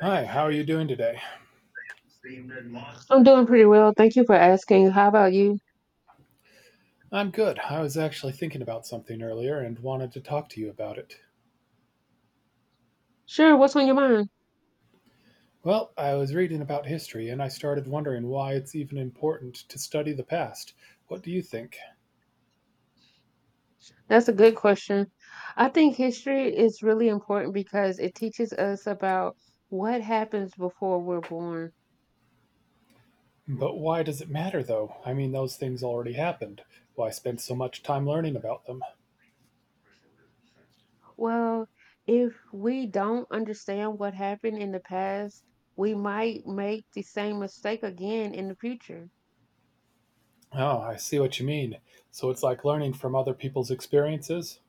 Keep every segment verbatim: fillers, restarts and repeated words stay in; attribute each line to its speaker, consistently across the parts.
Speaker 1: Hi, how are you doing today?
Speaker 2: I'm doing pretty well. Thank you for asking. How about you?
Speaker 1: I'm good. I was actually thinking about something earlier and wanted to talk to you about it.
Speaker 2: Sure, what's on your mind?
Speaker 1: Well, I was reading about history and I started wondering why it's even important to study the past. What do you think?
Speaker 2: That's a good question. I think history is really important because it teaches us about what happens before we're born.
Speaker 1: But why does it matter though? I mean, those things already happened. Why spend so much time learning about them?
Speaker 2: Well, if we don't understand what happened in the past, we might make the same mistake again in the future.
Speaker 1: Oh, I see what you mean. So it's like learning from other people's experiences?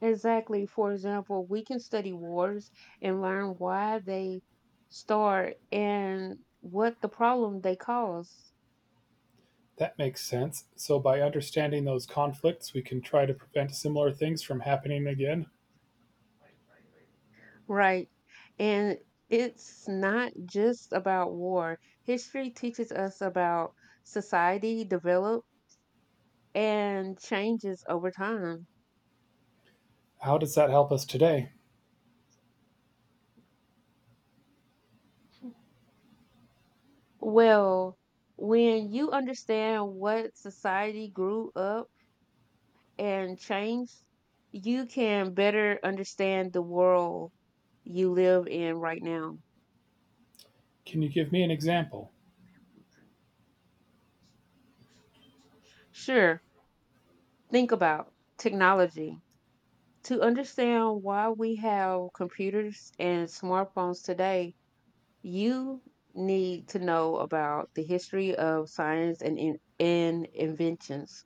Speaker 2: Exactly. For example, we can study wars and learn why they start and what the problem they cause.
Speaker 1: That makes sense. So by understanding those conflicts, we can try to prevent similar things from happening again.
Speaker 2: Right. And it's not just about war. History teaches us about society develop and changes over time.
Speaker 1: How does that help us today?
Speaker 2: Well, when you understand what society grew up and changed, you can better understand the world you live in right now.
Speaker 1: Can you give me an example?
Speaker 2: Sure, think about technology. To understand why we have computers and smartphones today, You need to know about the history of science and, in, and inventions.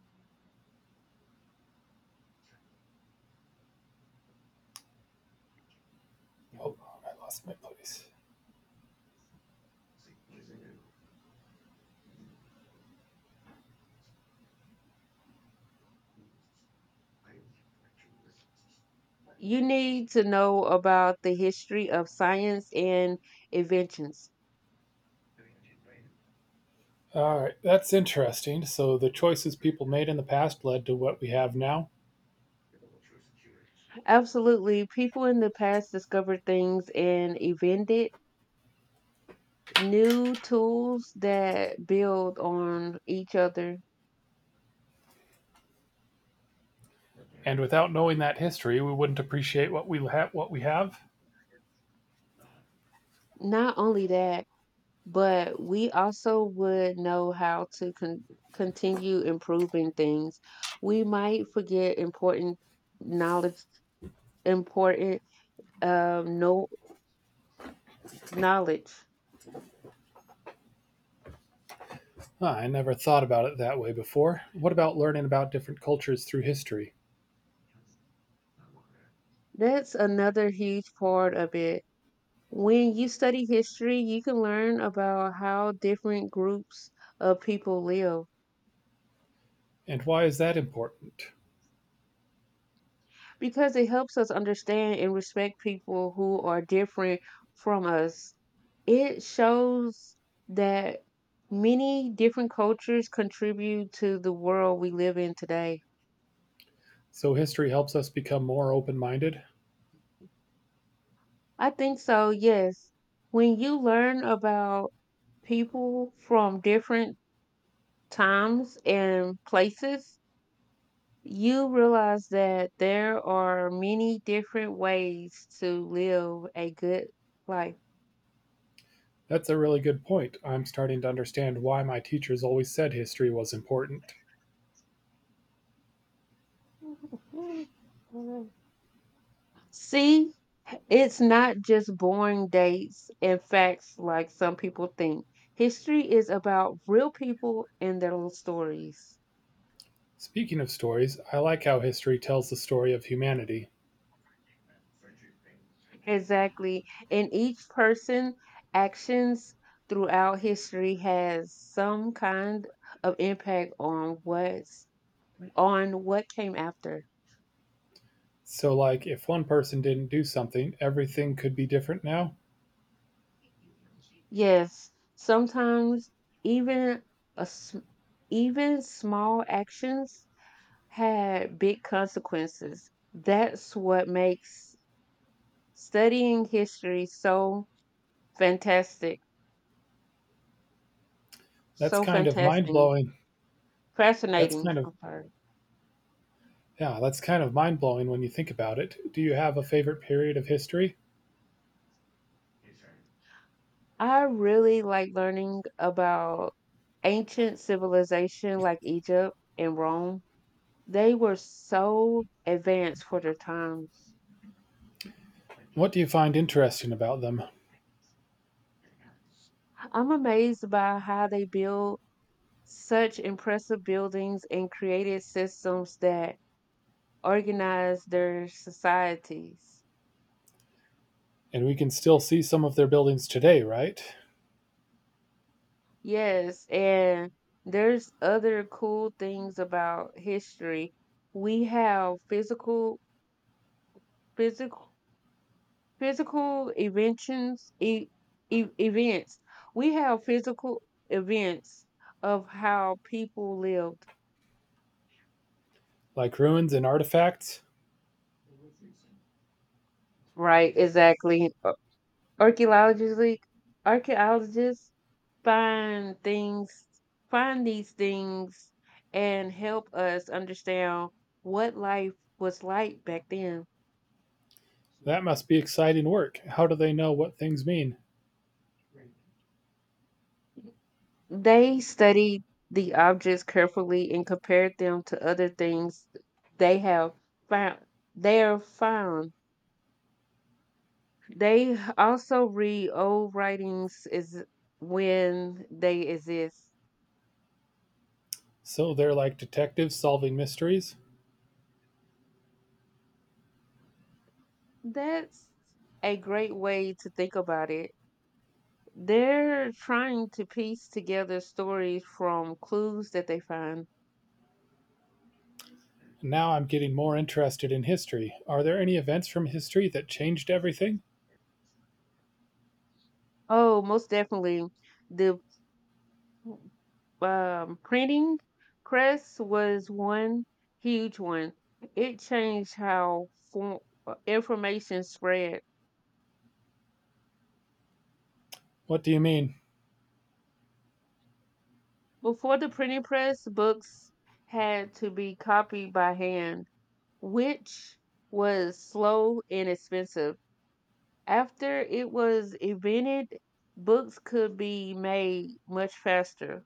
Speaker 1: Hold on, I lost my place.
Speaker 2: You need to know about the history of science and inventions.
Speaker 1: All right, that's interesting. So the choices people made in the past led to what we have now,
Speaker 2: Absolutely, people in the past discovered things and invented new tools that build on each other.
Speaker 1: and without knowing that history, we wouldn't appreciate what we ha- what we have.
Speaker 2: Not only that, but we also would know how to con- continue improving things. We might forget important knowledge, important um, no knowledge.
Speaker 1: Huh, I never thought about it that way before. What about learning about different cultures through history?
Speaker 2: That's another huge part of it. When you study history, you can learn about how different groups of people live
Speaker 1: And why is that important?
Speaker 2: because it helps us understand and respect people who are different from us. It shows that many different cultures contribute to the world we live in today.
Speaker 1: So history helps us become more open-minded.
Speaker 2: I think so, yes. When you learn about people from different times and places, you realize that there are many different ways to live a good life.
Speaker 1: That's a really good point. I'm starting to understand why my teachers always said history was important.
Speaker 2: See, it's not just boring dates and facts like some people think. History is about real people and their little stories.
Speaker 1: Speaking of stories, I like how history tells the story of humanity.
Speaker 2: Exactly. And each person actions throughout history has some kind of impact on what's on what came after.
Speaker 1: So, like, if one person didn't do something, everything could be different now.
Speaker 2: Yes, sometimes even a s- even small actions had big consequences. That's what makes studying history so fantastic,
Speaker 1: That's
Speaker 2: so
Speaker 1: kind of mind
Speaker 2: fantastic,
Speaker 1: blowing. That's
Speaker 2: fascinating.
Speaker 1: kind of,
Speaker 2: I'm sorry.
Speaker 1: yeah, that's kind of mind blowing when you think about it. Do you have a favorite period of history?
Speaker 2: I really like learning about ancient civilization like Egypt and Rome. They were so advanced for their times.
Speaker 1: What do you find interesting about them?
Speaker 2: I'm amazed by how they built such impressive buildings and created systems that organized their societies.
Speaker 1: And we can still see some of their buildings today, right?
Speaker 2: Yes, and there's other cool things about history. We have physical, physical, physical inventions, e- e- events. We have physical events of how people lived.
Speaker 1: Like ruins and artifacts?
Speaker 2: Right, exactly. Ar- Archaeologists, like, archaeologists find things, find these things, and help us understand what life was like back then.
Speaker 1: That must be exciting work. How do they know what things mean?
Speaker 2: They studied the objects carefully and compared them to other things they have found. They are found. They also read old writings Is when they exist.
Speaker 1: So they're like detectives solving mysteries?
Speaker 2: That's a great way to think about it. They're trying to piece together stories from clues that they find.
Speaker 1: Now I'm getting more interested in history. Are there any events from history that changed everything?
Speaker 2: Oh, most definitely. The um, printing press was one huge one. It changed how for, information spread.
Speaker 1: What do you mean?
Speaker 2: Before the printing press, books had to be copied by hand, which was slow and expensive. After it was invented, books could be made much faster.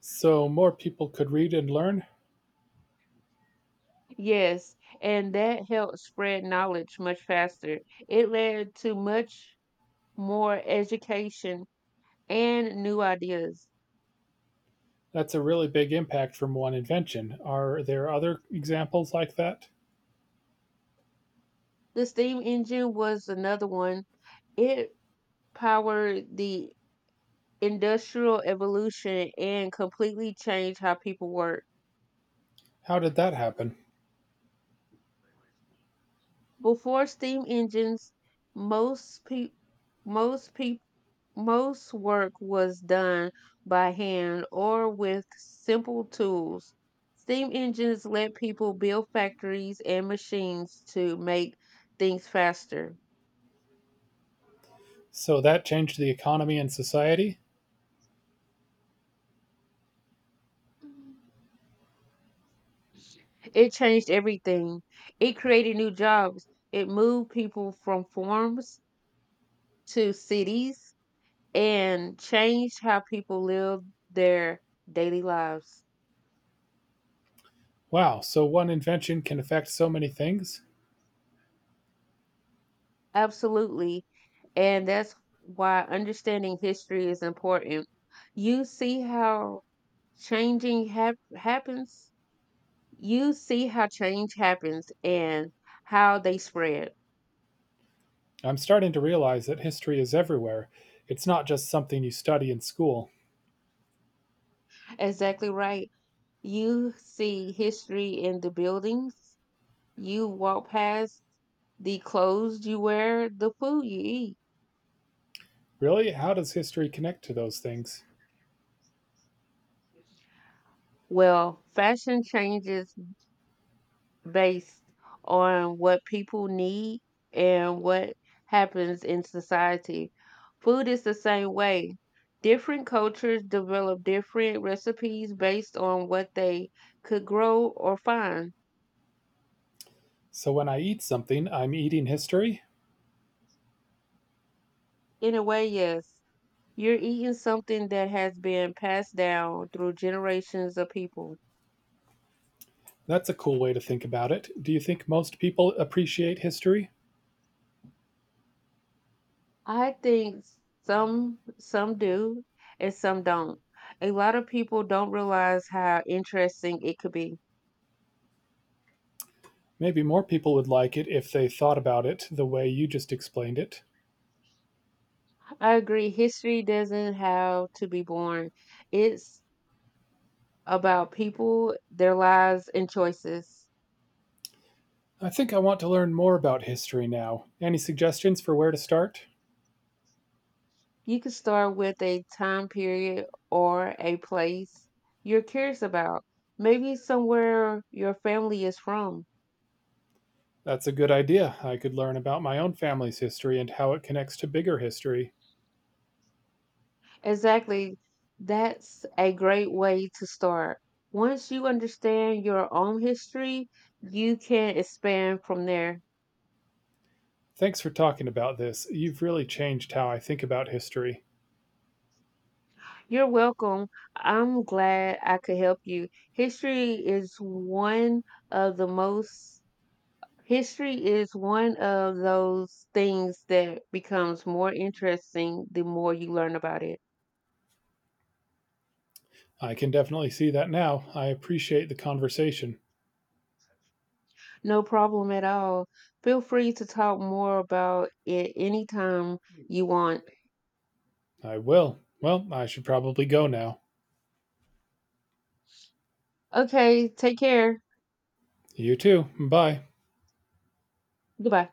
Speaker 1: So more people could read and learn?
Speaker 2: Yes, and that helped spread knowledge much faster. It led to much more education and new ideas.
Speaker 1: That's a really big impact from one invention. Are there other examples like that?
Speaker 2: The steam engine was another one. It powered the industrial evolution and completely changed how people work.
Speaker 1: How did that happen?
Speaker 2: Before steam engines, most pe- most people most work was done by hand or with simple tools. Steam engines let people build factories and machines to make things faster.
Speaker 1: So that changed the economy and society?
Speaker 2: It changed everything. It created new jobs. It moved people from farms to cities and changed how people live their daily lives.
Speaker 1: Wow, so one invention can affect so many things?
Speaker 2: Absolutely. And that's why understanding history is important. You see how changing hap- happens. You see how change happens and how they spread.
Speaker 1: I'm starting to realize that history is everywhere. It's not just something you study in school.
Speaker 2: Exactly right. You see history in the buildings You walk past the clothes you wear, the food you eat.
Speaker 1: Really? How does history connect to those things?
Speaker 2: Well, fashion changes based on what people need and what happens in society. Food is the same way. Different cultures develop different recipes based on what they could grow or find.
Speaker 1: So when I eat something, I'm eating history?
Speaker 2: In a way, yes, you're eating something that has been passed down through generations of people.
Speaker 1: That's a cool way to think about it. Do you think most people appreciate history?
Speaker 2: I think some some do and some don't. A lot of people don't realize how interesting it could be.
Speaker 1: Maybe more people would like it if they thought about it the way you just explained it.
Speaker 2: I agree. History doesn't have to be boring. It's about people, their lives, and choices.
Speaker 1: I think I want to learn more about history now. Any suggestions for where to start?
Speaker 2: You can start with a time period or a place you're curious about. Maybe somewhere your family is from.
Speaker 1: That's a good idea. I could learn about my own family's history and how it connects to bigger history.
Speaker 2: Exactly. That's a great way to start. Once you understand your own history, you can expand from there.
Speaker 1: Thanks for talking about this. You've really changed how I think about history.
Speaker 2: You're welcome. I'm glad I could help you. History is one of the most, history is one of those things that becomes more interesting the more you learn about it.
Speaker 1: I can definitely see that now. I appreciate the conversation.
Speaker 2: No problem at all. Feel free to talk more about it anytime you want.
Speaker 1: I will. Well, I should probably go now.
Speaker 2: Okay, take care.
Speaker 1: You too. Bye.
Speaker 2: Goodbye.